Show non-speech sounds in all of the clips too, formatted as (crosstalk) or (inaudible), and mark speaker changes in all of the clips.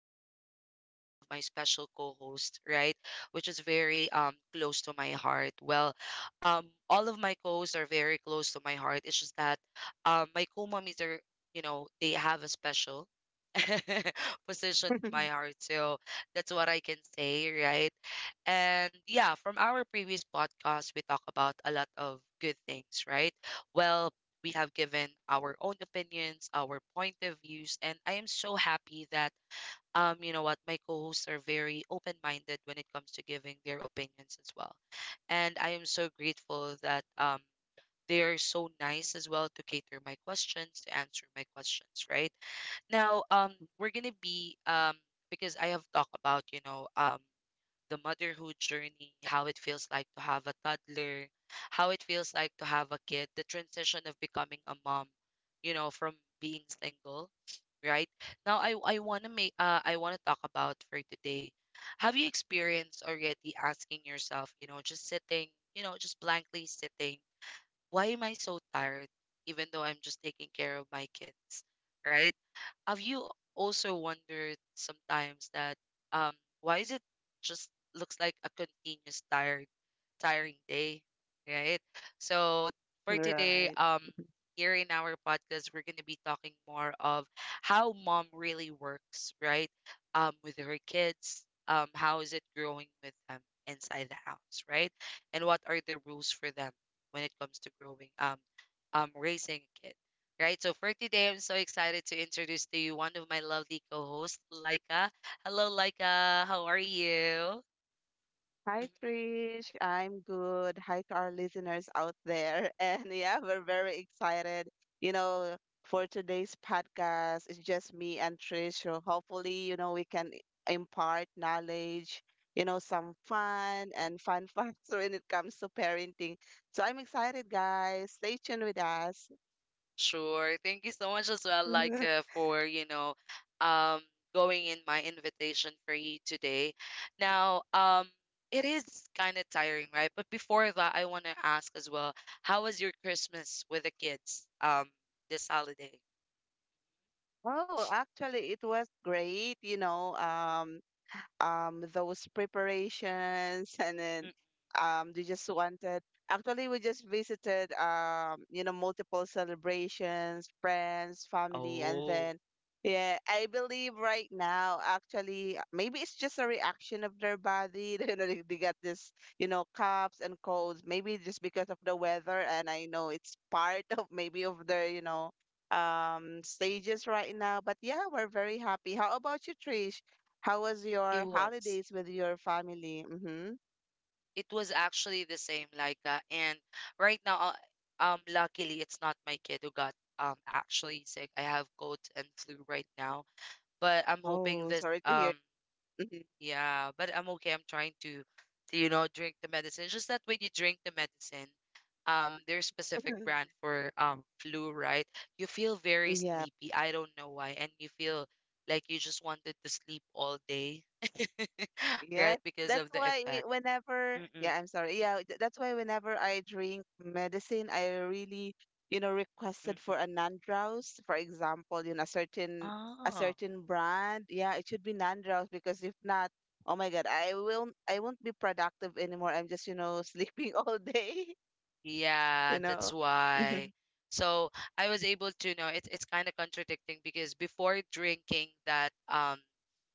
Speaker 1: I have brought you one of my special co-hosts, right? Which is very close to my heart. Well, all of my co-hosts are very close to my heart. It's just that my co-mommies are, you know, they have a special (laughs) position in my
Speaker 2: (laughs)
Speaker 1: heart. So that's what I can say, right? And yeah, from our previous podcast, we talk about a lot of good things, right? Well, we have given our own opinions, our point of views, and I am so happy that you know what, my co-hosts are very open-minded when it comes to giving their opinions as well. And I am so grateful that they are so nice as well to cater my questions, to answer my questions, right? Now, we're gonna be because I have talked about, you know, the motherhood journey, how it feels like to have a toddler, how it feels like to have a kid, the transition of becoming a mom, you know, from being single, right? Now I want to make I want to talk about for today. Have you experienced already asking yourself, you know, just sitting, you know, just blankly sitting why am I so tired even though I'm just taking care of my kids, right? Have you also wondered sometimes that um why is it just looks like a continuous tired tiring day, right? So for today,
Speaker 2: Right.
Speaker 1: here in our podcast, we're gonna be talking more of how mom really works, right? With her kids, how is it growing with them inside the house, right? And what are the rules for them when it comes to raising a kid. Right, so for today, I'm so excited to introduce to you one of my lovely co-hosts, Laika. Hello, Laika. How are you?
Speaker 2: Hi, Trish. I'm good. Hi to our listeners out there. (laughs) And yeah, we're very excited, you know, for today's podcast. It's just me and Trish. So hopefully, you know, we can impart knowledge, you know, some fun and fun (laughs) facts when it comes to parenting. So I'm excited, guys. Stay tuned with us.
Speaker 1: Sure. Thank you so much as well,
Speaker 2: (laughs)
Speaker 1: for you know, um, going in my invitation for you today. Now, it is kind of tiring, right? But before that, I want to ask as well, how was your Christmas with the kids, this holiday?
Speaker 2: Oh, actually, it was great, you know, those preparations, and then
Speaker 1: Mm.
Speaker 2: they just wanted. Actually, we just visited, you know, multiple celebrations, friends, family. And
Speaker 1: Oh,
Speaker 2: then yeah, I believe right now actually maybe it's just a reaction of their body. (laughs) You know, they get this, you know, coughs and colds, maybe just because of the weather. And I know it's part of maybe of their, you know, stages right now. But yeah, we're very happy. How about you, Trish? How was
Speaker 1: it
Speaker 2: your
Speaker 1: was.
Speaker 2: holidays with your family? Mm-hmm.
Speaker 1: It was actually the same, and right now, luckily, it's not my kid who got actually sick. I have cold and flu right now, but I'm hoping
Speaker 2: Oh,
Speaker 1: this
Speaker 2: sorry to hear.
Speaker 1: um.
Speaker 2: Mhm.
Speaker 1: Yeah, but I'm okay. To you know, drink the medicine. Just that when you drink the medicine, there's specific brand
Speaker 2: (laughs)
Speaker 1: for flu, right? You feel very
Speaker 2: Yeah.
Speaker 1: sleepy. I don't know why, and you feel like you just wanted to sleep all day, (laughs)
Speaker 2: Yes.
Speaker 1: right? Because
Speaker 2: That's
Speaker 1: of the
Speaker 2: why
Speaker 1: effect.
Speaker 2: whenever,
Speaker 1: Mm-mm,
Speaker 2: yeah, I'm sorry. Yeah, that's why whenever I drink medicine, I really, you know, requested for
Speaker 1: mm-mm.
Speaker 2: a non-drowse. For example, you know, a
Speaker 1: Oh,
Speaker 2: certain brand. Yeah, it should be non-drowse, because if not, oh my God, I will I won't be productive anymore. I'm just, you know, sleeping (laughs) all day,
Speaker 1: yeah,
Speaker 2: you
Speaker 1: that's
Speaker 2: know. Mm-hmm.
Speaker 1: why. So I was able to know it's kind of contradicting because before drinking that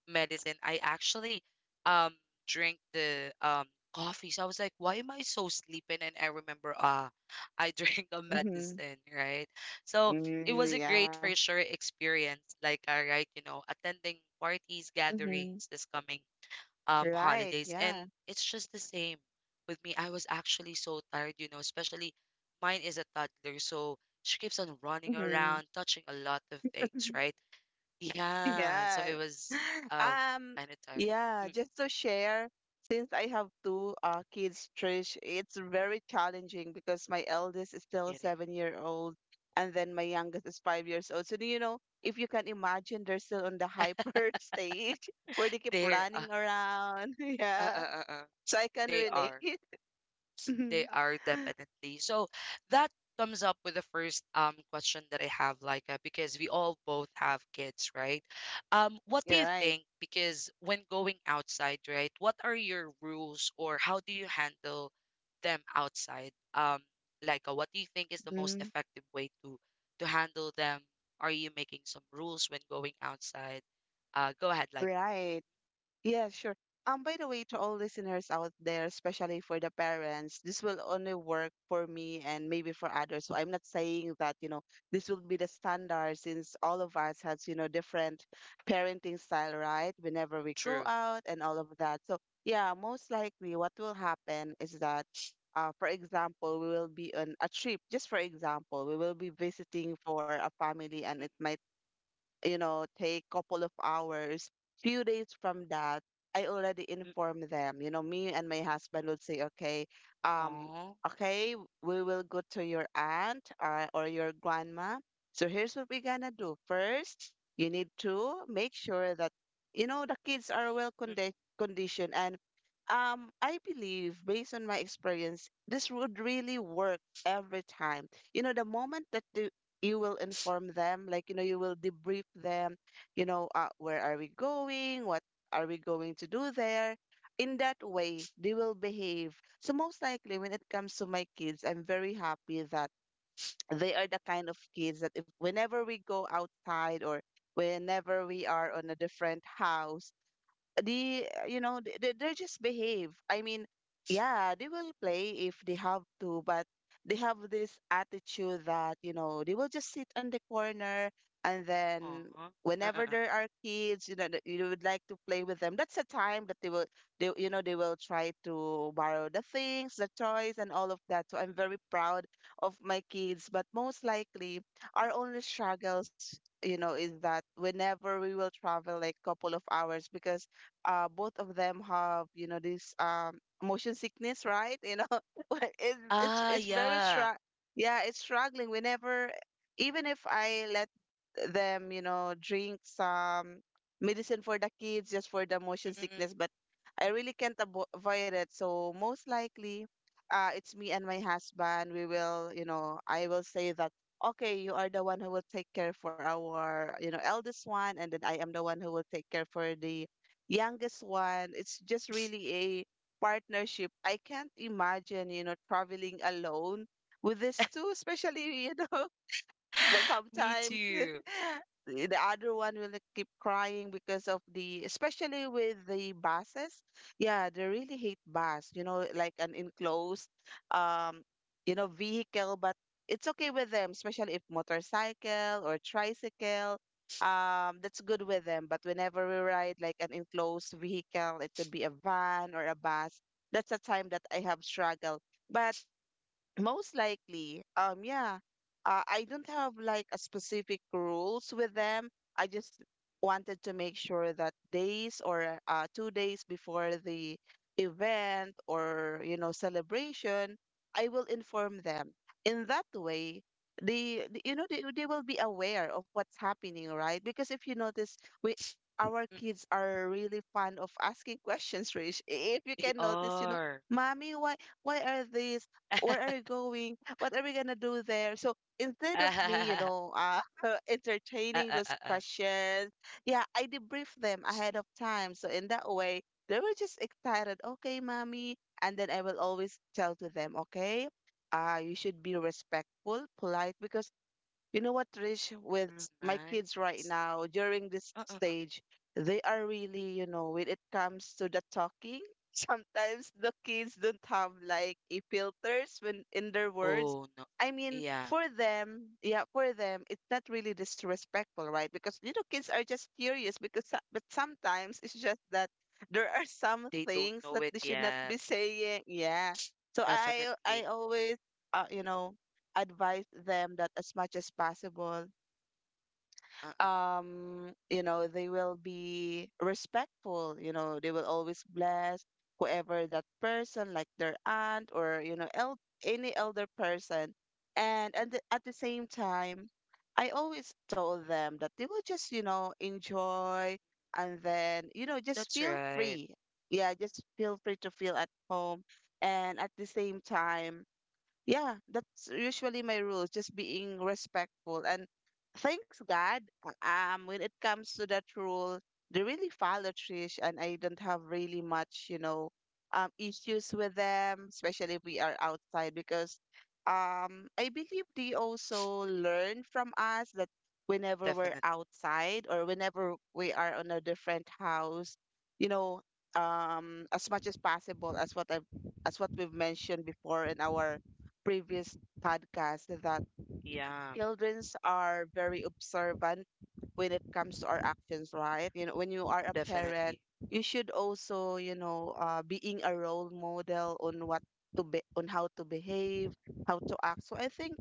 Speaker 1: medicine, I actually um drink the coffee. So I was like, why am I so sleeping? And I remember, ah, (laughs) I drank a
Speaker 2: Mm-hmm.
Speaker 1: medicine, right? So it
Speaker 2: Mm,
Speaker 1: was a great
Speaker 2: yeah.
Speaker 1: for sure experience. Right, you know, attending parties,
Speaker 2: Mm-hmm.
Speaker 1: gatherings this coming
Speaker 2: Right.
Speaker 1: holidays, and
Speaker 2: Yeah.
Speaker 1: it's just the same with me. I was actually so tired, you know, especially mine is a toddler, so she keeps on running
Speaker 2: Mm-hmm.
Speaker 1: around, touching a lot of things, right?
Speaker 2: (laughs)
Speaker 1: Yeah,
Speaker 2: Yeah. (laughs)
Speaker 1: um,
Speaker 2: Um,
Speaker 1: kinda tiring.
Speaker 2: yeah,
Speaker 1: Mm,
Speaker 2: just to share, since I have two kids, Trish, it's very challenging because my eldest is still
Speaker 1: it is.
Speaker 2: 7 year old and then my youngest is 5 years old. So, do you know, if you can imagine, they're still on the hyper (laughs) stage where they keep
Speaker 1: They're uh,
Speaker 2: running around. (laughs)
Speaker 1: uh, uh,
Speaker 2: Yeah.
Speaker 1: uh, uh,
Speaker 2: So I can
Speaker 1: they
Speaker 2: relate.
Speaker 1: are. Yes, they
Speaker 2: (laughs)
Speaker 1: are definitely. So that comes up with the first question that I have, Laika, because we all both have kids, right? What do
Speaker 2: You're
Speaker 1: you
Speaker 2: right.
Speaker 1: think? Because when going outside, right, what are your rules or how do you handle them outside? Laika, what do you think is the most
Speaker 2: Mhm.
Speaker 1: effective way to handle them? Are you making some rules when going outside? Go ahead, Laika.
Speaker 2: Right. Yeah, sure. By the way, to all listeners out there, especially for the parents, this will only work for me and maybe for others. So I'm not saying that, you know, this will be the standard, since all of us has, you know, different parenting style, right? Whenever we go
Speaker 1: True.
Speaker 2: out and all of that. So yeah, most likely what will happen is that for example, we will be on a trip. Just for example, we will be visiting for a family, and it might, you know, take couple of hours. Few days from that, I already
Speaker 1: Mm-mm.
Speaker 2: inform them. You know, me and my husband would say, okay, um,
Speaker 1: Aw.
Speaker 2: okay, we will go to your aunt or your grandma. So here's what we're gonna do. First, you need to make sure that, you know, the kids are well
Speaker 1: Mm-mm.
Speaker 2: conditioned, and I believe based on my experience this would really work every time. You know, the moment that the you will inform them, like, you know, you will debrief them, you know, where are we going, what are we going to do there, in that way they will behave. So most likely when it comes to my kids, I'm very happy that they are the kind of kids that if whenever we go outside or whenever we are on a different house, the you know, they just behave. I mean, yeah, they will play if they have to, but they have this attitude that, you know, they will just sit in the corner and then
Speaker 1: Aw.
Speaker 2: whenever there
Speaker 1: Uh-uh.
Speaker 2: are kids, you know, that you would like to play with them, that's the time that they will they you know, they will try to borrow the things, the toys, and all of that. So I'm very proud of my kids, but most likely our only struggles, you know, is that whenever we will travel like couple of hours, because both of them have, you know, this motion sickness, right? You know. (laughs) But it, it's
Speaker 1: Ah,
Speaker 2: it's very
Speaker 1: yeah.
Speaker 2: strong. Yeah, it's struggling. We never, even if I let them, you know, drink some medicine for the kids just for the motion
Speaker 1: Mm, mm,
Speaker 2: sickness,
Speaker 1: mm.
Speaker 2: but I really can't avoid it. So most likely it's me and my husband. We will, you know, I will say that, okay, you are the one who will take care for our, you know, eldest one, and then I am the one who will take care for the youngest one. It's just really a partnership. I can't imagine, you know, traveling alone with these two, especially, (laughs) you know,
Speaker 1: (gasps)
Speaker 2: that
Speaker 1: (sighs) Me
Speaker 2: sometimes
Speaker 1: too.
Speaker 2: (laughs) the other one will keep crying because of the, especially with the buses. Yeah, they really hate bus, you know, like an enclosed um you know, vehicle. But it's okay with them especially if motorcycle or tricycle, that's good with them. But whenever we ride like an enclosed vehicle, it could be a van or a bus, that's a time that I have struggled. But most likely, yeah. I don't have like a specific rules with them. I just wanted to make sure that days or 2 days before the event or, you know, celebration, I will inform them. In that way, you know, they will be aware of what's happening, right? Because if you notice, we our
Speaker 1: Mm,
Speaker 2: kids are really fond of asking (laughs) questions, Rich. If you
Speaker 1: they
Speaker 2: can notice, you know,
Speaker 1: are.
Speaker 2: mommy, why are these, where are you
Speaker 1: (laughs)
Speaker 2: going? What are we gonna do there? So instead of me, you
Speaker 1: Ah,
Speaker 2: know, (laughs)
Speaker 1: ah, ah,
Speaker 2: entertaining
Speaker 1: ah,
Speaker 2: those
Speaker 1: ah.
Speaker 2: questions, yeah, I debrief them ahead of time. So in that way, they were just excited. Okay, mommy. And then I will always tell to them, okay, you should be respectful, polite, because you know what, Trish, with
Speaker 1: That's
Speaker 2: my kids right
Speaker 1: nice.
Speaker 2: now during this
Speaker 1: Uh, uh, uh.
Speaker 2: stage, they are really, you know, when it comes to the talking, (laughs) sometimes the kids don't have like a filters when in their words.
Speaker 1: Oh, no.
Speaker 2: I mean,
Speaker 1: Yeah,
Speaker 2: for them, yeah, for them, it's not really disrespectful, right? Because, you know, kids are just curious because but sometimes it's just that there are some
Speaker 1: they don't
Speaker 2: things
Speaker 1: know
Speaker 2: that
Speaker 1: it
Speaker 2: they should not
Speaker 1: yet.
Speaker 2: be saying. Yeah. So I
Speaker 1: Definitely.
Speaker 2: always you know, advise them that as much as possible,
Speaker 1: Uh-uh.
Speaker 2: you know, they will be respectful. You know, they will always bless whoever that person, like their aunt, or, you know, any elder person. And at the same time, I always told them that they will just, you know, enjoy, and then, you know, just
Speaker 1: That's
Speaker 2: feel
Speaker 1: right.
Speaker 2: free. Yeah, just feel free to feel at home. And at the same time, yeah, that's usually my rule, just being respectful. And thanks God, when it comes to that rule, they really follow, Trish. And I don't have really much, you know, issues with them, especially if we are outside, because I believe they also learn from us that whenever we're
Speaker 1: Definitely.
Speaker 2: outside or whenever we are on a different house, you know, as much as possible, as what we've mentioned before in our previous podcast, that
Speaker 1: Yeah,
Speaker 2: childrens are very observant when it comes to our actions, right? You know, when you are a parent,
Speaker 1: definitely.
Speaker 2: you should also, you know, being a role model on what to be, on how to behave, how to act. So I think,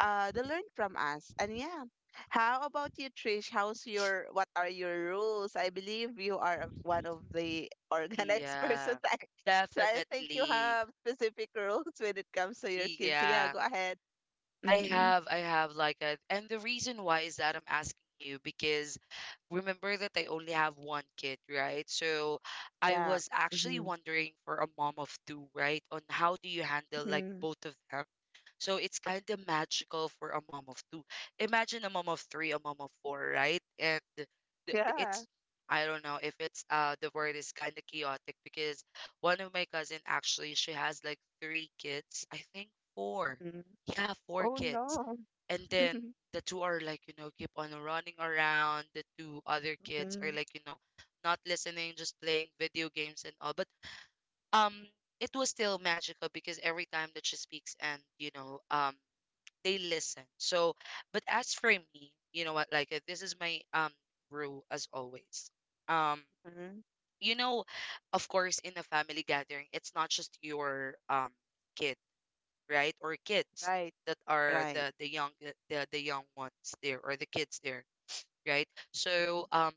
Speaker 2: they learn from us. And yeah, how about you, Trish? What are your rules? I believe you are one of the (laughs) organized person.
Speaker 1: Yeah,
Speaker 2: So I think you
Speaker 1: definitely.
Speaker 2: have specific rules when it comes to your kids. So yeah,
Speaker 1: Yeah.
Speaker 2: go ahead.
Speaker 1: I have like a, and the reason why is that I'm asking you because remember that I only have one kid, right? So I
Speaker 2: Yeah.
Speaker 1: was actually
Speaker 2: Mm-hmm.
Speaker 1: wondering for a mom of two, right? On how do you handle like
Speaker 2: Hmm.
Speaker 1: both of them? So it's kind of magical for a mom of two. Imagine a mom of three, a mom of four, right?
Speaker 2: Yeah.
Speaker 1: It's I don't know if it's the word is kind of chaotic because one of my cousin actually she has like three kids. I think four.
Speaker 2: Hmm.
Speaker 1: Yeah, four
Speaker 2: Oh
Speaker 1: kids.
Speaker 2: no.
Speaker 1: And then
Speaker 2: (laughs)
Speaker 1: the two are like, you know, keep on running around. The two other kids are
Speaker 2: Hmm.
Speaker 1: like, you know, not listening, just playing video games and all. But um it was still magical because every time that she speaks and you know they listen. So, but as for me, you know what? This is my rule as always. Um,
Speaker 2: Hmm.
Speaker 1: you know, of course, in a family gathering, it's not just your kid, right, or kids
Speaker 2: Right.
Speaker 1: that are
Speaker 2: Right.
Speaker 1: the young ones there or the kids there, right?
Speaker 2: Mhm.
Speaker 1: So um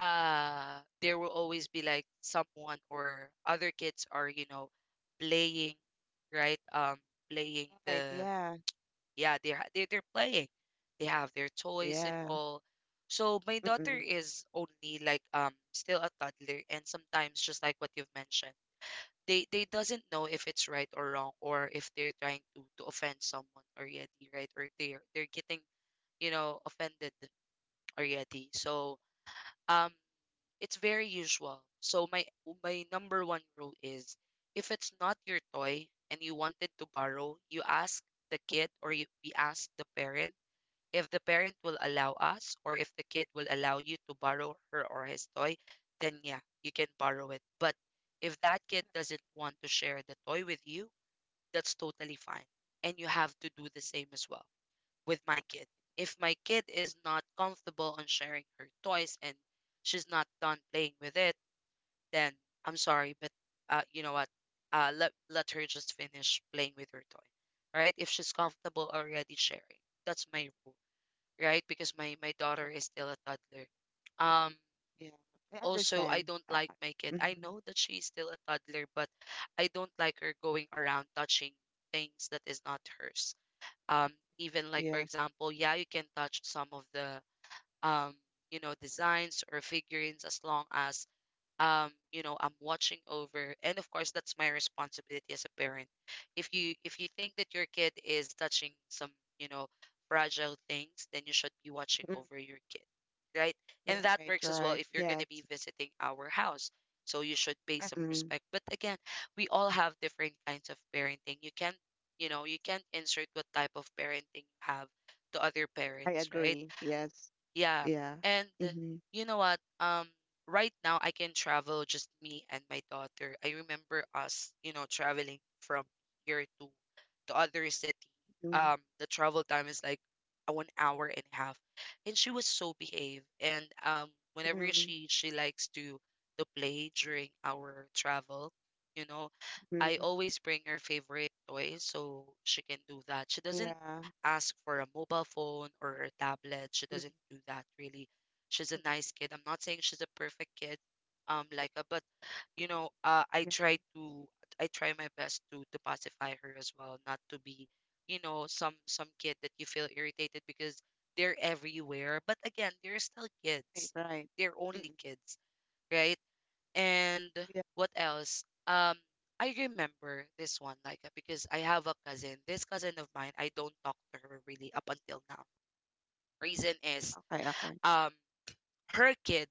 Speaker 1: uh there will always be like someone or other kids are you know playing right playing
Speaker 2: Right. Yeah.
Speaker 1: they're playing they have their toys and
Speaker 2: Yeah.
Speaker 1: all so my daughter
Speaker 2: Mm-mm.
Speaker 1: is only like still a toddler and sometimes just like what you've mentioned they doesn't know if it's right or wrong or if they're trying to offend someone already right or they're getting you know offended already so um it's very usual so my number one rule is if it's not your toy and you wanted to borrow you ask the kid or you we ask the parent if the parent will allow us, or if the kid will allow you to borrow her or his toy, then yeah, you can borrow it. But if that kid doesn't want to share the toy with you, that's totally fine. And you have to do the same as well with my kid. If my kid is not comfortable on sharing her toys and she's not done playing with it, then I'm sorry, but you know what? Let her just finish playing with her toy. All right? If she's comfortable already sharing, that's my rule, right? Because my daughter is still a toddler. Um,
Speaker 2: Yeah. I
Speaker 1: also, I
Speaker 2: understand.
Speaker 1: don't like my kid. I
Speaker 2: Mm-hmm.
Speaker 1: know that she's still a toddler, but I don't like her going around touching things that is not hers. Um, even like for
Speaker 2: Yeah.
Speaker 1: example, yeah, you can touch some of the um, you know, designs or figurines as long as you know I'm watching over, and of course that's my responsibility as a parent. If you, if you think that your kid is touching some you know fragile things, then you should be watching
Speaker 2: Mm-mm.
Speaker 1: over your kid, right? And
Speaker 2: Right.
Speaker 1: that works as
Speaker 2: Right.
Speaker 1: well if you're
Speaker 2: Yes.
Speaker 1: going to be visiting our house, so you should pay some
Speaker 2: Mm-mm.
Speaker 1: respect. But again, we all have different kinds of parenting. You can't, you know, you can't insert what type of parenting you have to other
Speaker 2: I
Speaker 1: parents, right?
Speaker 2: agree. Yes.
Speaker 1: Yeah.
Speaker 2: Yeah.
Speaker 1: And
Speaker 2: Mm-hmm.
Speaker 1: you know what? Right now I can travel just me and my daughter. I remember us, you know, traveling from here to other city. The travel time is like a 1 hour and a half, and she was so behaved. And whenever
Speaker 2: Mm-hmm.
Speaker 1: she likes to play during our travel, you know, I
Speaker 2: Mm-hmm.
Speaker 1: always bring her favorite toy so she can do that. She doesn't
Speaker 2: Yeah.
Speaker 1: ask for a mobile phone or a tablet. She
Speaker 2: Mm.
Speaker 1: doesn't do that really. She's a nice kid. I'm not saying she's a perfect kid, but you know,
Speaker 2: Yeah.
Speaker 1: I try my best to pacify her as well, not to be, you know, some kid that you feel irritated because they're everywhere. But again, they're still
Speaker 2: Right.
Speaker 1: kids.
Speaker 2: Right.
Speaker 1: They're only
Speaker 2: Mm-mm.
Speaker 1: kids, right? And
Speaker 2: Yeah.
Speaker 1: what else? I remember this one, because I have a cousin. This cousin of mine, I don't talk to her really up until now. Reason is,
Speaker 2: Okay. Okay.
Speaker 1: um, her kid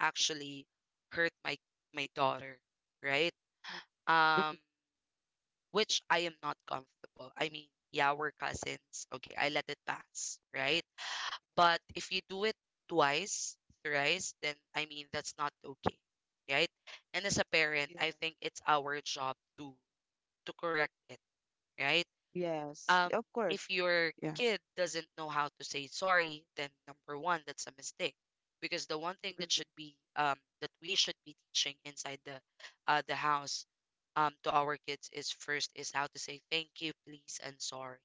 Speaker 1: actually hurt my daughter, right? Um,
Speaker 2: Mm-mm.
Speaker 1: which I am not comfortable. I mean, yeah, we're cousins. Okay, I let it pass, right? But if you do it twice, thrice, then I mean, that's not okay, right? And as a parent,
Speaker 2: Yeah.
Speaker 1: I think it's our job to correct it, right?
Speaker 2: Yes.
Speaker 1: Um,
Speaker 2: Of course.
Speaker 1: if your
Speaker 2: Yeah.
Speaker 1: kid doesn't know how to say sorry, then number one, that's a mistake. Because the one thing
Speaker 2: Mhm.
Speaker 1: that should be that we should be teaching inside the house to our kids is first is how to say thank you, please, and sorry.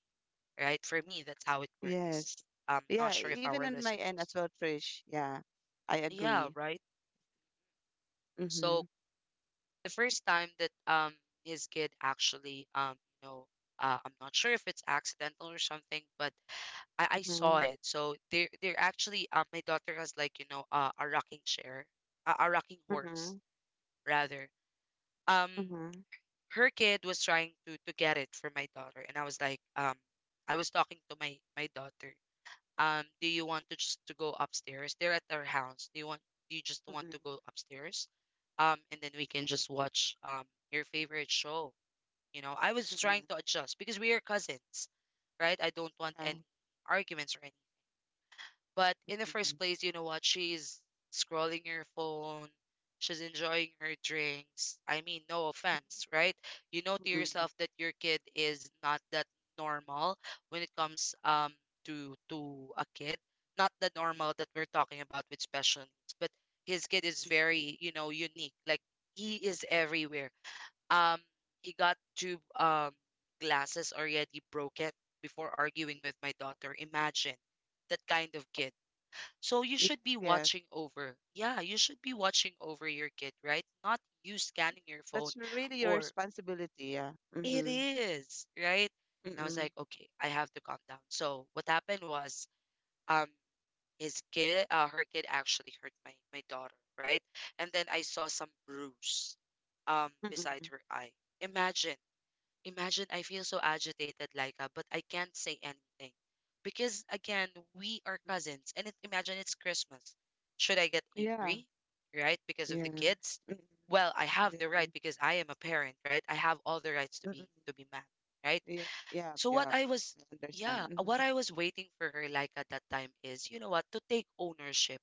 Speaker 1: Right? For me, that's how it works.
Speaker 2: Yes.
Speaker 1: I'm not
Speaker 2: Yeah,
Speaker 1: sure if
Speaker 2: even
Speaker 1: our
Speaker 2: on my end as
Speaker 1: listeners.
Speaker 2: well, Trish. Yeah, I
Speaker 1: Yeah,
Speaker 2: agree.
Speaker 1: right.
Speaker 2: Mm-hmm.
Speaker 1: So the first time that his kid actually you know I'm not sure if it's accidental or something, but I saw
Speaker 2: Mm-hmm.
Speaker 1: it. So they're actually my daughter has like a rocking chair, a rocking
Speaker 2: Mm-hmm.
Speaker 1: horse rather. Um,
Speaker 2: Mm-hmm.
Speaker 1: her kid was trying to get it for my daughter, and I was like, I was talking to my daughter. Do you want to just to go upstairs? They're at their house. Do you want? Do you just
Speaker 2: Mm-hmm.
Speaker 1: want to go upstairs? And then we can just watch your favorite show. You know, I was trying to
Speaker 2: Mm-hmm.
Speaker 1: adjust because we are cousins, right? I don't want
Speaker 2: Yeah.
Speaker 1: any arguments or anything. But in the
Speaker 2: Mm-hmm.
Speaker 1: first place, you know what? She's scrolling her phone. She's enjoying her drinks. I mean, no offense, right? You know to
Speaker 2: Mm-hmm. Mm-hmm.
Speaker 1: yourself that your kid is not that normal when it comes to a kid. Not the normal that we're talking about with special needs, but his kid is very, you know, unique. Like he is everywhere. Um, he got two glasses already broken before arguing with my daughter. Imagine that kind of kid. So you
Speaker 2: Yes,
Speaker 1: should be
Speaker 2: yes.
Speaker 1: watching over. Yeah, you should be watching over your kid, right? Not you scanning your phone
Speaker 2: That's really your
Speaker 1: or
Speaker 2: responsibility. Yeah.
Speaker 1: it
Speaker 2: Mm-hmm.
Speaker 1: is, right? And I was
Speaker 2: Mm-hmm.
Speaker 1: like, okay, I have to calm down. So what happened was um his kid her kid actually hurt my daughter, right? And then I saw some bruise
Speaker 2: Mm-hmm.
Speaker 1: beside her eye. Imagine. Imagine I feel so agitated, Laika, but I can't say anything. Because again, we are cousins and it, imagine it's Christmas. Should I get
Speaker 2: Yeah.
Speaker 1: angry, right? Because of the
Speaker 2: Yeah.
Speaker 1: kids?
Speaker 2: Mm-mm.
Speaker 1: Well, I have
Speaker 2: Yeah.
Speaker 1: the right because I am a parent, right? I have all the rights to be
Speaker 2: Mm-mm.
Speaker 1: to be mad, right?
Speaker 2: Yeah. Yeah.
Speaker 1: So what
Speaker 2: Yeah.
Speaker 1: I was
Speaker 2: I understand.
Speaker 1: yeah,
Speaker 2: Mm-hmm.
Speaker 1: what I was waiting for her like at that time is, you know what, to take ownership,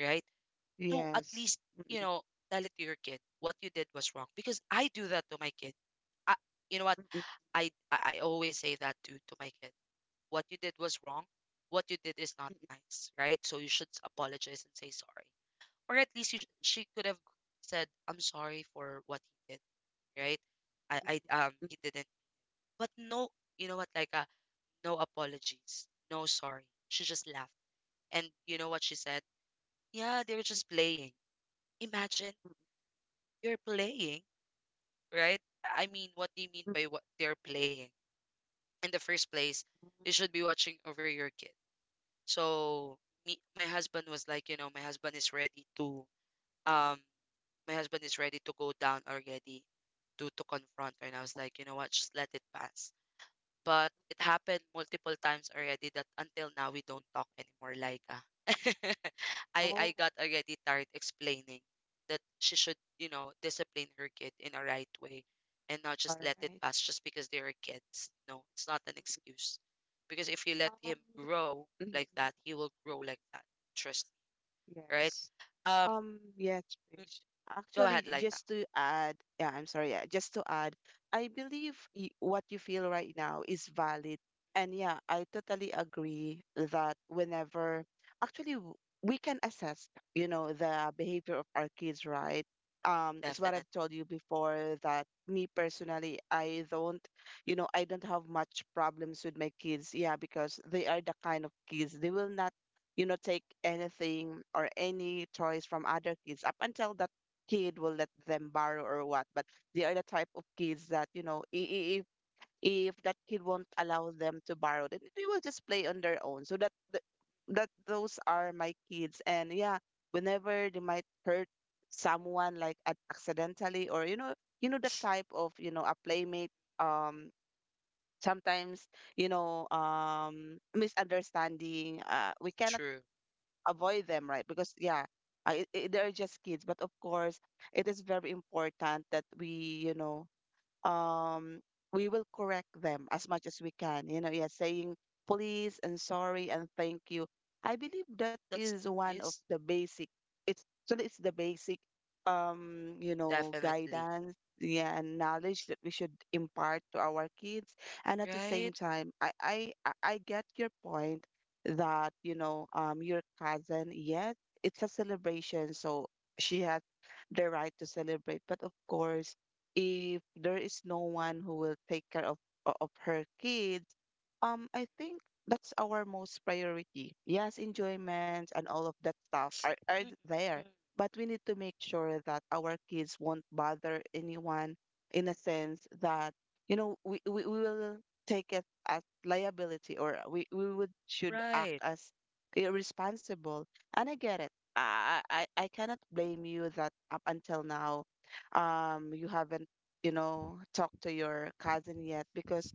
Speaker 1: right? To at
Speaker 2: Yes.
Speaker 1: least, you
Speaker 2: Mm-mm.
Speaker 1: know, tell it to your kid what you did was wrong because I do that to my kid. I, you know what?
Speaker 2: Mm-mm.
Speaker 1: I always say that to my kid. What you did was wrong. What you did is not nice, right? So you should apologize and say sorry, or at least you she could have said, "I'm sorry for what he did," right? I
Speaker 2: Mm-mm.
Speaker 1: he didn't, but no, you know what? No apologies, no sorry. She just laughed, and you know what she said? Yeah, they were just playing. Imagine you're playing, right? I mean, what do you mean
Speaker 2: Mm-mm.
Speaker 1: by what they're playing? In the first place, you should be watching over your kid. So me, my husband was like, you know, my husband is ready to, um, my husband is ready to go down already to confront her, and I was like, you know what, just let it pass. But it happened multiple times already that until now we don't talk anymore, Laika. (laughs) I
Speaker 2: Oh,
Speaker 1: got already tired explaining that she should, you know, discipline her kid in a right way and not just
Speaker 2: all
Speaker 1: let it
Speaker 2: right.
Speaker 1: pass just because they are kids. No, it's not an excuse. Because if you let him
Speaker 2: Um,
Speaker 1: grow
Speaker 2: mhm.
Speaker 1: like that, he will grow like that. Trust me, right?
Speaker 2: Yes.
Speaker 1: Um,
Speaker 2: Yes,
Speaker 1: mm,
Speaker 2: Krish.
Speaker 1: go ahead,
Speaker 2: Actually,
Speaker 1: Laika.
Speaker 2: just to add, yeah, I'm sorry, yeah, just to add, I believe y what you feel right now is valid. And yeah, I totally agree that whenever, actually, we can assess, you know, the behavior of our kids, right? It's what
Speaker 1: Definitely
Speaker 2: I've told you before that me personally, I don't, you know, I don't have much problems with my kids. Yeah, because they are the kind of kids, they will not, you know, take anything or any toys from other kids up until that kid will let them borrow or what. But they are the type of kids that, you know, if that kid won't allow them to borrow, then they will just play on their own. So that that those are my kids. And yeah, whenever they might hurt someone like accidentally, or you know, you know, the type of, you know, a playmate, um sometimes, you know, misunderstanding, we cannot
Speaker 1: true.
Speaker 2: avoid them, right? Because yeah, I they're just kids. But of course, it is very important that we, you know, um we will correct them as much as we can, you know, yeah, saying please and sorry and thank you. I believe that
Speaker 1: That's
Speaker 2: is one of
Speaker 1: nice.
Speaker 2: the basic, it's the basic, you know,
Speaker 1: Definitely.
Speaker 2: guidance, yeah, and knowledge that we should impart to our kids. And at the
Speaker 1: Right?
Speaker 2: same time, I get your point that, you know, your cousin, yes, it's a celebration, so she has the right to celebrate. But of course, if there is no one who will take care of of her kids, I think that's our most priority. Yes, enjoyment and all of that stuff are
Speaker 1: Mm-mm.
Speaker 2: there, but we need to make sure that our kids won't bother anyone in a sense that, you know, we will take it as liability, or we would should act
Speaker 1: Right.
Speaker 2: as irresponsible. And I get it. I cannot blame you that up until now, you haven't, you know, talk to your cousin yet because,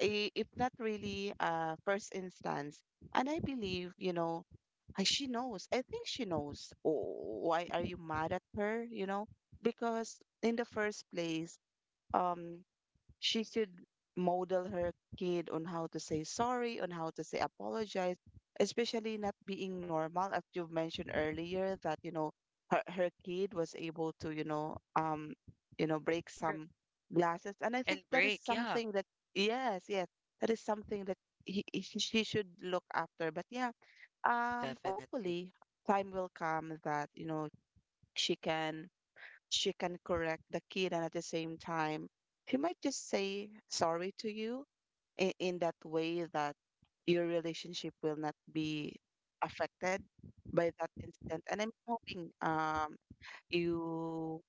Speaker 2: if not really, first instance. And I believe, you know, she knows. I think she knows. Oh, why are you mad at her? You know, because in the first place, um, she could model her kid on how to say sorry, on how to say apologize, especially not being normal. As you mentioned earlier, that you know, her kid was able to, you know, you know, break
Speaker 1: Sure.
Speaker 2: some glasses. And I think
Speaker 1: And
Speaker 2: that is
Speaker 1: break, yeah,
Speaker 2: something that, yes, that is something that she should look after. But yeah,
Speaker 1: definitely.
Speaker 2: hopefully time will come that, you know, she can she can correct the kid. And at the same time, she might just say sorry to you in that way that your relationship will not be affected by that incident. And I'm hoping, you,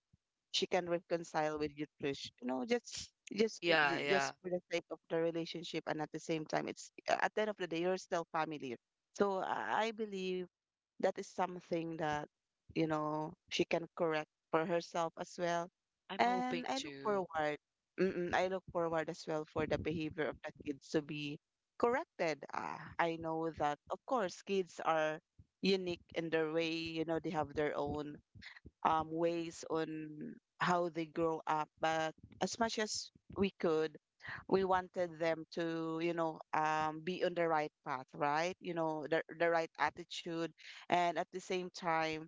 Speaker 2: she can reconcile with you, Trish, you know, just
Speaker 1: Yeah, yeah.
Speaker 2: just for the sake of the relationship. And at the same time, it's at the end of the day you're still family. So I believe that is something that, you know, she can correct for herself as well.
Speaker 1: I'm
Speaker 2: And
Speaker 1: hoping
Speaker 2: I look
Speaker 1: to.
Speaker 2: forward, I look forward as well for the behavior of the kids to be corrected. I know that of course kids are unique in their way, you know, they have their own, ways on how they grow up. But as much as we could, we wanted them to, you know, be on the right path, right? You know, the right attitude. And at the same time,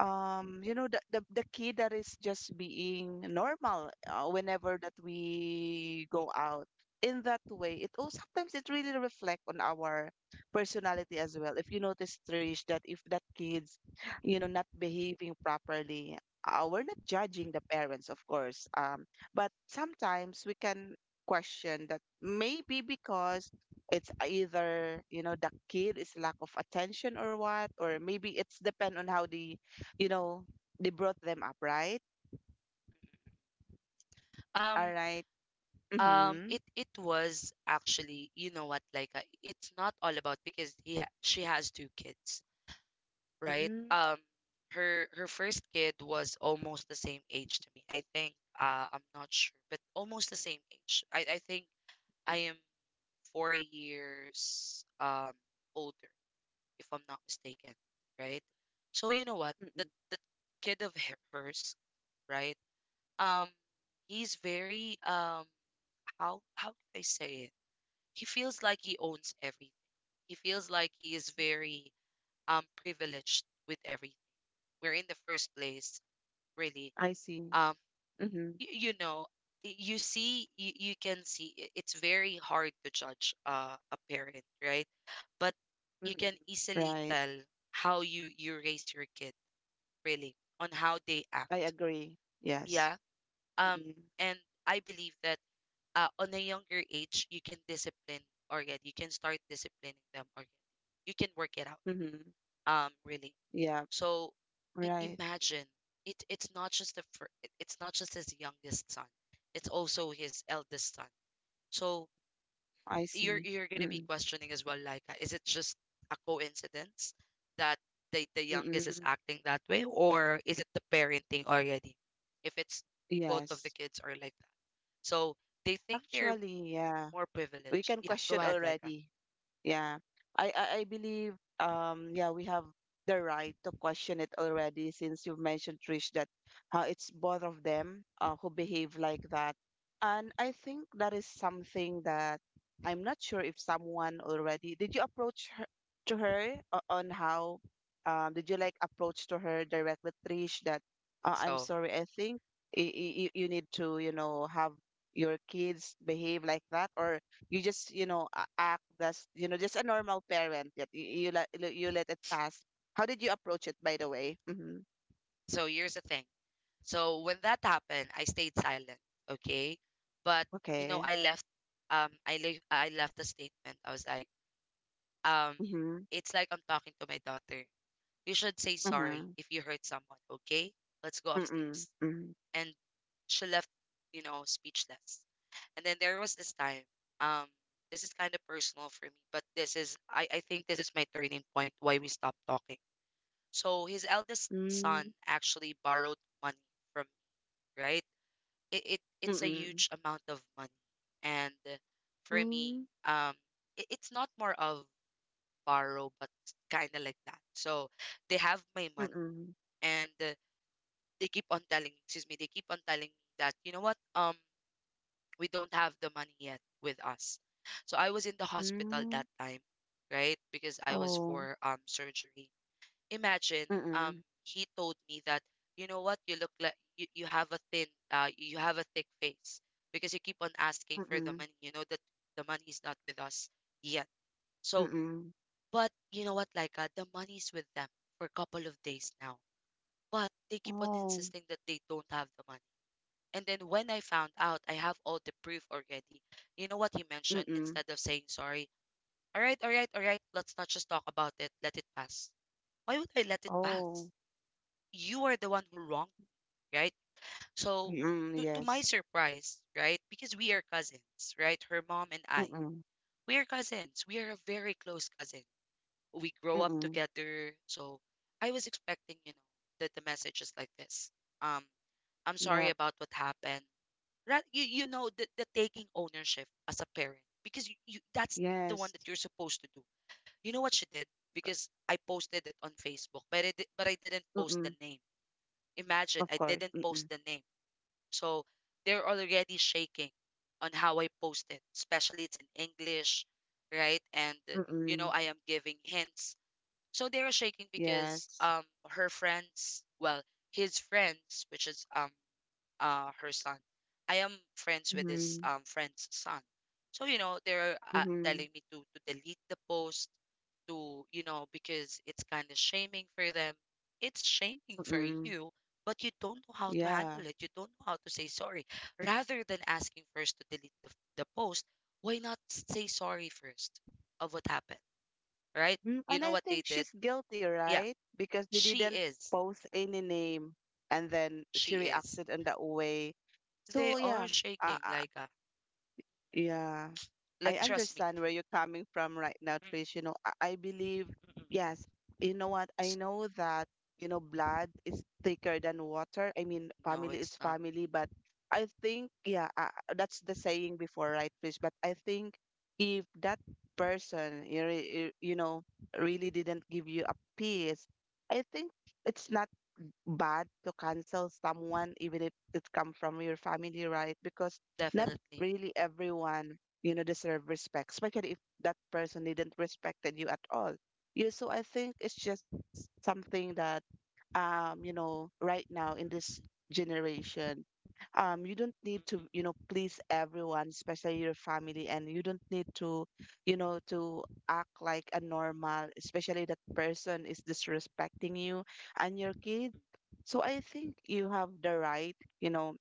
Speaker 2: you know, the kid that is just being normal, whenever that we go out, in that way it, oh, sometimes it really reflect on our personality as well. If you notice, Trish, that if that kids, you know, not behaving properly, we're not judging the parents, of course, but sometimes we can question that maybe because it's either, you know, the kid is lack of attention or what, or maybe it's depend on how the, you know, they brought them up, right? All
Speaker 1: Um,
Speaker 2: right. Mm-hmm.
Speaker 1: it was actually, you know what, it's not all about because he ha she has two kids, right?
Speaker 2: Mm-hmm.
Speaker 1: Her first kid was almost the same age to me. I think, I'm not sure, but almost the same age. I think I am 4 years older, if I'm not mistaken, right? So you know what?
Speaker 2: Mm-hmm.
Speaker 1: That hers, right? Um, he's very how can I say it? He feels like he owns everything. He feels like he is very privileged with everything. We're in the first place, really.
Speaker 2: I see.
Speaker 1: Um,
Speaker 2: Mm-hmm.
Speaker 1: you know, you see, you can see it's very hard to judge a parent, right? But you
Speaker 2: Mm-hmm.
Speaker 1: can easily
Speaker 2: Right.
Speaker 1: tell how you raise your kid really on how they
Speaker 2: I
Speaker 1: act.
Speaker 2: agree. Yes.
Speaker 1: Yeah. Um,
Speaker 2: Mm-hmm.
Speaker 1: and I believe that on a younger age, you can discipline already. You can start disciplining them already. You can work it
Speaker 2: Mm-hmm.
Speaker 1: out. Really.
Speaker 2: Yeah.
Speaker 1: So
Speaker 2: Right.
Speaker 1: imagine it. It's not just his youngest son. It's also his eldest son. So
Speaker 2: I
Speaker 1: you're
Speaker 2: see.
Speaker 1: you're gonna be
Speaker 2: Mm-hmm.
Speaker 1: questioning as well, like, is it just a coincidence that the youngest
Speaker 2: Mm-hmm.
Speaker 1: is acting that way, or is it the parenting already? If it's both of the
Speaker 2: Yes.
Speaker 1: kids are like that, so they think they're
Speaker 2: Actually, yeah.
Speaker 1: more
Speaker 2: We
Speaker 1: privileged.
Speaker 2: can
Speaker 1: Yeah, go
Speaker 2: question
Speaker 1: ahead, like.
Speaker 2: already. Yeah. I believe, yeah, we have the right to question it already since you've mentioned, Trish, that it's both of them who behave like that. And I think that is something that, I'm not sure if someone already did, you approach her to her on how, did you like approach to her directly, Trish, that I'm
Speaker 1: So
Speaker 2: sorry, I think you need to, you know, have your kids behave like that, or you just, you know, act as, you know, just a normal parent that you let, you let it pass. How did you approach it, by the way? Mm-hmm.
Speaker 1: so here's the thing. So when that happened, I stayed silent, okay? But you know,
Speaker 2: Okay.
Speaker 1: I left. I left a statement. I was like, um,
Speaker 2: Mm-hmm.
Speaker 1: it's like I'm talking to my daughter. You should say sorry
Speaker 2: Mm-hmm.
Speaker 1: if you hurt someone, okay? Let's go
Speaker 2: Mm-mm.
Speaker 1: upstairs. And she left, you know, speechless. And then there was this time, um, this is kind of personal for me, but this is, I think this is my turning point why we stopped talking. So his eldest son
Speaker 2: Mm-mm.
Speaker 1: actually borrowed money from me, right? It's a
Speaker 2: Mm-mm.
Speaker 1: huge amount of money. And for me,
Speaker 2: Mm-mm.
Speaker 1: um, it, it's not more of borrow, but kind of like that. So they have my
Speaker 2: Mm-mm.
Speaker 1: money
Speaker 2: Mm-mm.
Speaker 1: and they keep on telling me, excuse me, they keep on telling me that, you know what, we don't have the money yet with us. So I was in the hospital
Speaker 2: Mm-mm.
Speaker 1: that time, right? Because I was
Speaker 2: Oh.
Speaker 1: for surgery. Imagine, um,
Speaker 2: Mm-mm.
Speaker 1: he told me that, you know what, you look like you have a thin, you have a thick face because you keep on asking for the
Speaker 2: Mm-mm.
Speaker 1: money. You know that the money's not with us yet. So,
Speaker 2: Mm-mm.
Speaker 1: but you know what, the money's with them for a couple of days now. But they keep on
Speaker 2: Oh.
Speaker 1: insisting that they don't have the money, and then when I found out, I have all the proof already. You know what he mentioned
Speaker 2: Mm-mm.
Speaker 1: instead of saying sorry? All right, all right, all right, let's not just talk about it. Let it pass. Why would I let it
Speaker 2: Oh.
Speaker 1: pass? You are the one who wronged me, right? So,
Speaker 2: Mm-mm.
Speaker 1: to my
Speaker 2: Yes.
Speaker 1: surprise, right? Because we are cousins, right? Her mom and I.
Speaker 2: Mm-mm.
Speaker 1: We are cousins. We are a very close cousin. We grow up
Speaker 2: Mm-mm.
Speaker 1: together. So, I was expecting, you know, that the message is like this. Um, I'm sorry
Speaker 2: Yep.
Speaker 1: about what happened. You you know the taking ownership as a parent because you that's the one
Speaker 2: Yes.
Speaker 1: that you're supposed to do. You know what she did because I posted it on Facebook, but I didn't post the
Speaker 2: Mm-mm.
Speaker 1: name. Imagine
Speaker 2: Of
Speaker 1: I
Speaker 2: course.
Speaker 1: didn't post
Speaker 2: Mm-mm.
Speaker 1: the name. So they're already shaking on how I post it, especially it's in English, right? And you know
Speaker 2: Mm-mm.
Speaker 1: I am giving hints, so they're shaking because
Speaker 2: Yes.
Speaker 1: her friends, well, his friends, which is her son. I am friends with his
Speaker 2: Mm-hmm.
Speaker 1: friend's son. So you know they're
Speaker 2: Mm-hmm.
Speaker 1: telling me to delete the post, to you know, because it's kind of shaming for them. It's shaming for
Speaker 2: Mm,
Speaker 1: you, but you don't know how to
Speaker 2: yeah.
Speaker 1: handle it. You don't know how to say sorry. Rather than asking first to delete the post, why not say sorry first of what happened, right?
Speaker 2: Mm,
Speaker 1: You
Speaker 2: and
Speaker 1: know
Speaker 2: I
Speaker 1: what they
Speaker 2: think
Speaker 1: did?
Speaker 2: she's guilty,
Speaker 1: Yeah,
Speaker 2: right? Because you
Speaker 1: she
Speaker 2: didn't
Speaker 1: is.
Speaker 2: post any name, and then she
Speaker 1: She is.
Speaker 2: reacted in that way. So
Speaker 1: They
Speaker 2: yeah,
Speaker 1: are shaking,
Speaker 2: I yeah, I
Speaker 1: like trust me.
Speaker 2: understand where you're coming from right now, Trish. You know, I believe,
Speaker 1: Mm-mm.
Speaker 2: yes, you know what? I
Speaker 1: S-
Speaker 2: know that, you know, blood is thicker than water. I mean,
Speaker 1: No,
Speaker 2: family
Speaker 1: it's
Speaker 2: is
Speaker 1: not.
Speaker 2: family. But I think, yeah, that's the saying before, right, Trish? But I think if that person, you, you know, really didn't give you a piece, I think it's not bad to cancel someone even if it come from your family, right? Because not
Speaker 1: Definitely.
Speaker 2: really everyone, you know, deserve respect, especially if that person didn't respected you at all. Yeah, so I think it's just something that, you know, right now in this generation, you don't need to, you
Speaker 1: Mm-mm.
Speaker 2: know, please everyone, especially your family, and you don't need to, you know, to act like a normal, especially that person is disrespecting you and your kid. So I think you have the right, you know,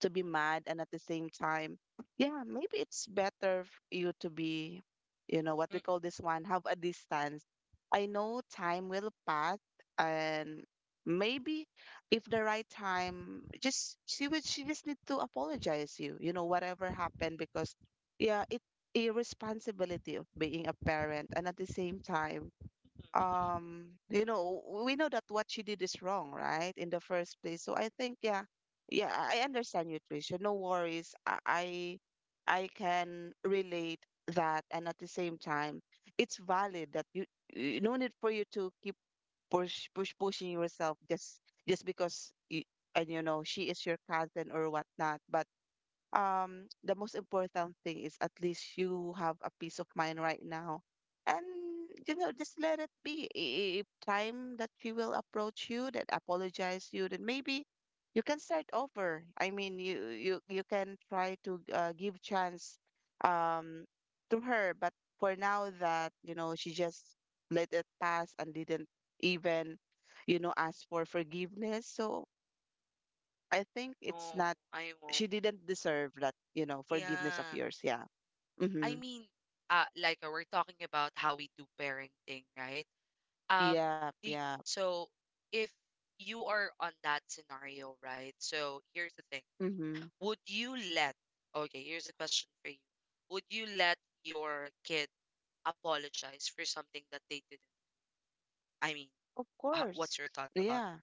Speaker 2: to be mad. And at the same time, yeah, maybe it's better you to be, you know, what we
Speaker 1: Mm-mm.
Speaker 2: call this one, have a distance. I know time will pass, and maybe if the right time, just she would she just need to apologize you, you know, whatever happened. Because yeah, it's a responsibility of being a parent. And at the same time, you know, we know that what she did is wrong, right, in the first place. So I think, yeah, yeah, I understand you, Tricia, no worries. I can relate that. And at the same time, it's valid that you no need for you to keep pushing yourself. Just because and you know she is your cousin or whatnot. But the most important thing is at least you have a peace of mind right now. And you know, just let it be. If time that she will approach you, that apologize you, then maybe you can start over. I mean, you can try to, give chance, um to her. But for now that, you know, she just let it pass and didn't even, you know, ask for forgiveness. So I think it's
Speaker 1: No,
Speaker 2: not,
Speaker 1: I won't.
Speaker 2: she didn't deserve that, you know, forgiveness of
Speaker 1: Yeah.
Speaker 2: yours. Yeah.
Speaker 1: I
Speaker 2: Mm-hmm.
Speaker 1: mean, we're talking about how we do parenting, right? Um,
Speaker 2: Yeah.
Speaker 1: the
Speaker 2: Yeah.
Speaker 1: so if you are on that scenario, right? So here's the thing.
Speaker 2: Mm-hmm.
Speaker 1: Would you let, okay, here's a question for you. Would you let your kid apologize for something that they didn't? I mean,
Speaker 2: Of
Speaker 1: what's
Speaker 2: course.
Speaker 1: your thought about
Speaker 2: Yeah.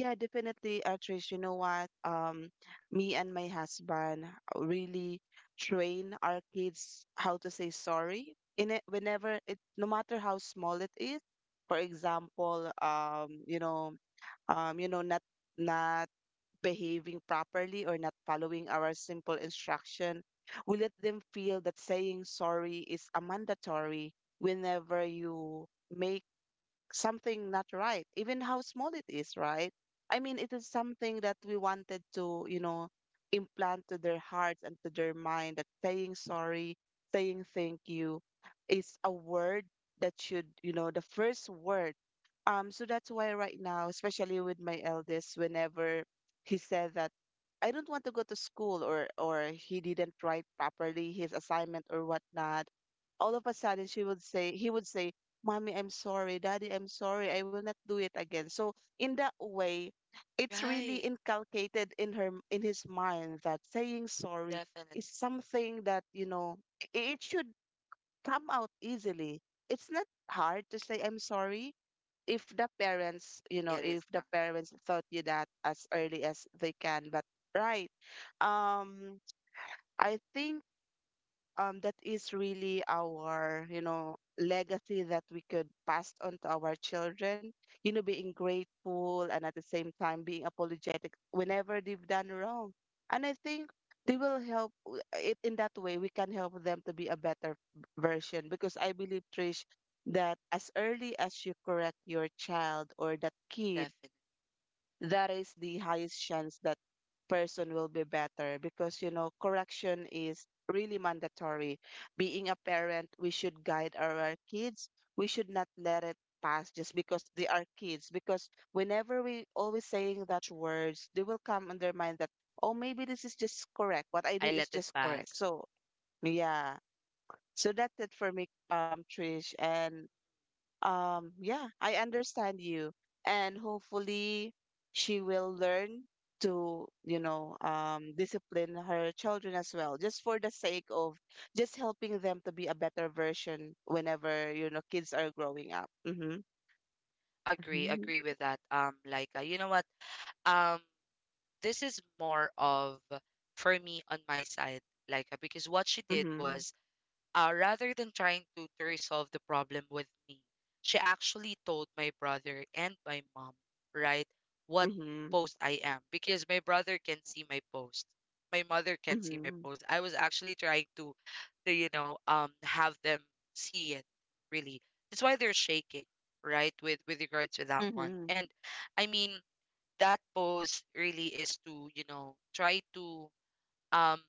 Speaker 2: Yeah, definitely, Trish. You know what? Me and my husband, really train our kids how to say sorry in it, whenever it, no matter how small it is. For example, you know, not behaving properly or not following our simple instruction. We let them feel that saying sorry is a mandatory whenever you make something not right, even how small it is, right? I mean, it is something that we wanted to, you know, implant to their hearts and to their mind that saying sorry, saying thank you is a word that should, you know, the first word. So that's why right now, especially with my eldest, whenever he said that I don't want to go to school, or he didn't write properly his assignment or whatnot, all of a sudden she would say he would say, Mommy, I'm sorry. Daddy, I'm sorry. I will not do it again. So in that way,
Speaker 1: it?
Speaker 2: it's
Speaker 1: Right.
Speaker 2: really inculcated in her in his mind that saying sorry
Speaker 1: Definitely.
Speaker 2: is something that, you know, it should come out easily. It's not hard to say I'm sorry if the parents, you
Speaker 1: It
Speaker 2: know,
Speaker 1: is
Speaker 2: if
Speaker 1: not.
Speaker 2: the parents taught you that as early as they can. But right. Um, I think, that is really our, you know, legacy that we could pass on to our children. You know, being grateful, and at the same time being apologetic whenever they've done wrong. And I think they will help, it in that way we can help them to be a better version. Because I believe, Trish, that as early as you correct your child or that kid,
Speaker 1: Definitely.
Speaker 2: that is the highest chance that person will be better. Because you know, correction is really mandatory. Being a parent, we should guide our kids. We should not let it pass just because they are kids. Because whenever we always saying that words, they will come in their mind that, oh, maybe this is just correct, what I
Speaker 1: I
Speaker 2: did is
Speaker 1: let it
Speaker 2: just correct.
Speaker 1: pass.
Speaker 2: So yeah, so that's it for me, Trish. And yeah, I understand you, and hopefully she will learn to, you know, discipline her children as well, just for the sake of just helping them to be a better version whenever, you know, kids are growing up. Mhm.
Speaker 1: Agree,
Speaker 2: Mhm.
Speaker 1: agree with that. Like, you know what? Um, this is more of for me on my side, like, because what she did
Speaker 2: Mhm.
Speaker 1: was. Rather than trying to resolve the problem with me, she actually told my brother and my mom, right, what post I am because my brother can see my post. My mother
Speaker 2: Mhm.
Speaker 1: can see my
Speaker 2: Mhm.
Speaker 1: post. I was actually trying to you know, have them see it. Really, that's why they're shaking, right, with regards to that one.
Speaker 2: Mhm.
Speaker 1: And I mean, that post really is to you know try to um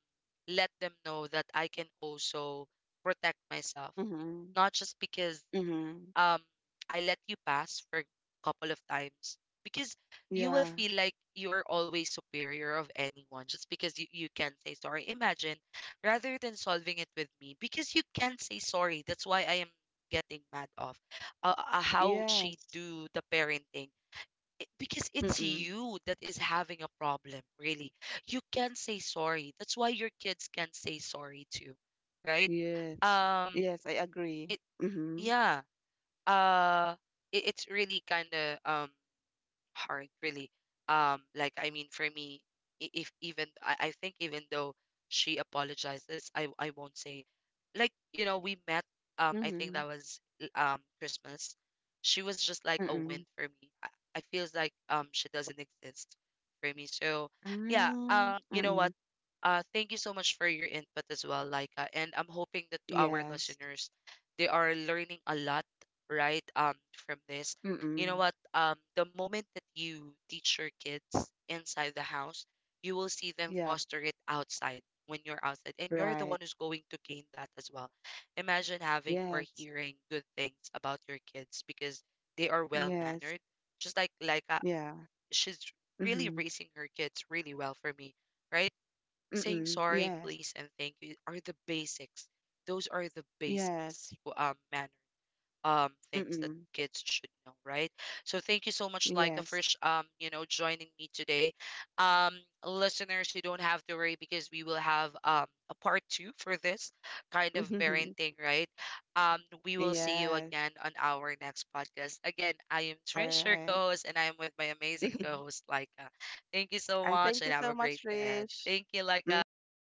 Speaker 1: let them know that I can also protect myself.
Speaker 2: Mhm.
Speaker 1: Not just because
Speaker 2: Mhm.
Speaker 1: um I let you pass for a couple of times because you will
Speaker 2: Yeah.
Speaker 1: feel like you are always superior of anyone just because you can't say sorry. Imagine rather than solving it with me because you can't say sorry. That's why I am getting mad off how she
Speaker 2: Yes.
Speaker 1: do the parenting, it- because it's
Speaker 2: Mhm.
Speaker 1: you that is having a problem, really. You can say sorry. That's why your kids can say sorry too, right?
Speaker 2: yes
Speaker 1: Um,
Speaker 2: yes I agree.
Speaker 1: it
Speaker 2: Mhm.
Speaker 1: yeah. Uh, it, it's really kind of hard really, I mean for me, I- if even I think even though she apologizes I won't say, like you know we met, I think
Speaker 2: Mhm.
Speaker 1: that was Christmas. She was just like a win
Speaker 2: Mhm.
Speaker 1: for me, I feels like she doesn't exist for me, so yeah. Um,
Speaker 2: Mhm.
Speaker 1: you know what,
Speaker 2: Mhm.
Speaker 1: thank you so much for your input as well, Laika. And I'm hoping that to our
Speaker 2: Yes.
Speaker 1: listeners, they are learning a lot, right? From this. You know
Speaker 2: Mm-mm.
Speaker 1: what? The moment that you teach your kids inside the house, you will see them
Speaker 2: Yep.
Speaker 1: foster it outside when you're outside. And you're the
Speaker 2: Right.
Speaker 1: one who's going to gain that as well. Imagine having or
Speaker 2: Yes.
Speaker 1: hearing good things about your kids because they are well
Speaker 2: Yes.
Speaker 1: mannered. Just like Laika,
Speaker 2: Yeah.
Speaker 1: she's really
Speaker 2: Mm-hmm.
Speaker 1: raising her kids really well for me, right? Saying
Speaker 2: Mm-mm.
Speaker 1: sorry,
Speaker 2: Yes.
Speaker 1: please, and thank you are the basics. Those are the basics,
Speaker 2: Yes.
Speaker 1: man things that
Speaker 2: Mm-mm.
Speaker 1: kids should know, right? So thank you so much, Laika, for
Speaker 2: Yes.
Speaker 1: you know, joining me today. Um, listeners, you don't have to worry because we will have a part two for this kind of
Speaker 2: (laughs)
Speaker 1: parenting, right? We will see you
Speaker 2: Yes.
Speaker 1: again on our next podcast. Again, I am
Speaker 2: All
Speaker 1: Trish, your
Speaker 2: right.
Speaker 1: co-host, and I am with my amazing
Speaker 2: (laughs)
Speaker 1: co-host Laika. Thank you so
Speaker 2: And
Speaker 1: much
Speaker 2: thank you
Speaker 1: and have
Speaker 2: so
Speaker 1: a
Speaker 2: much,
Speaker 1: great day ahead.
Speaker 2: Rich.
Speaker 1: Thank you, Laika.
Speaker 2: Mm-hmm.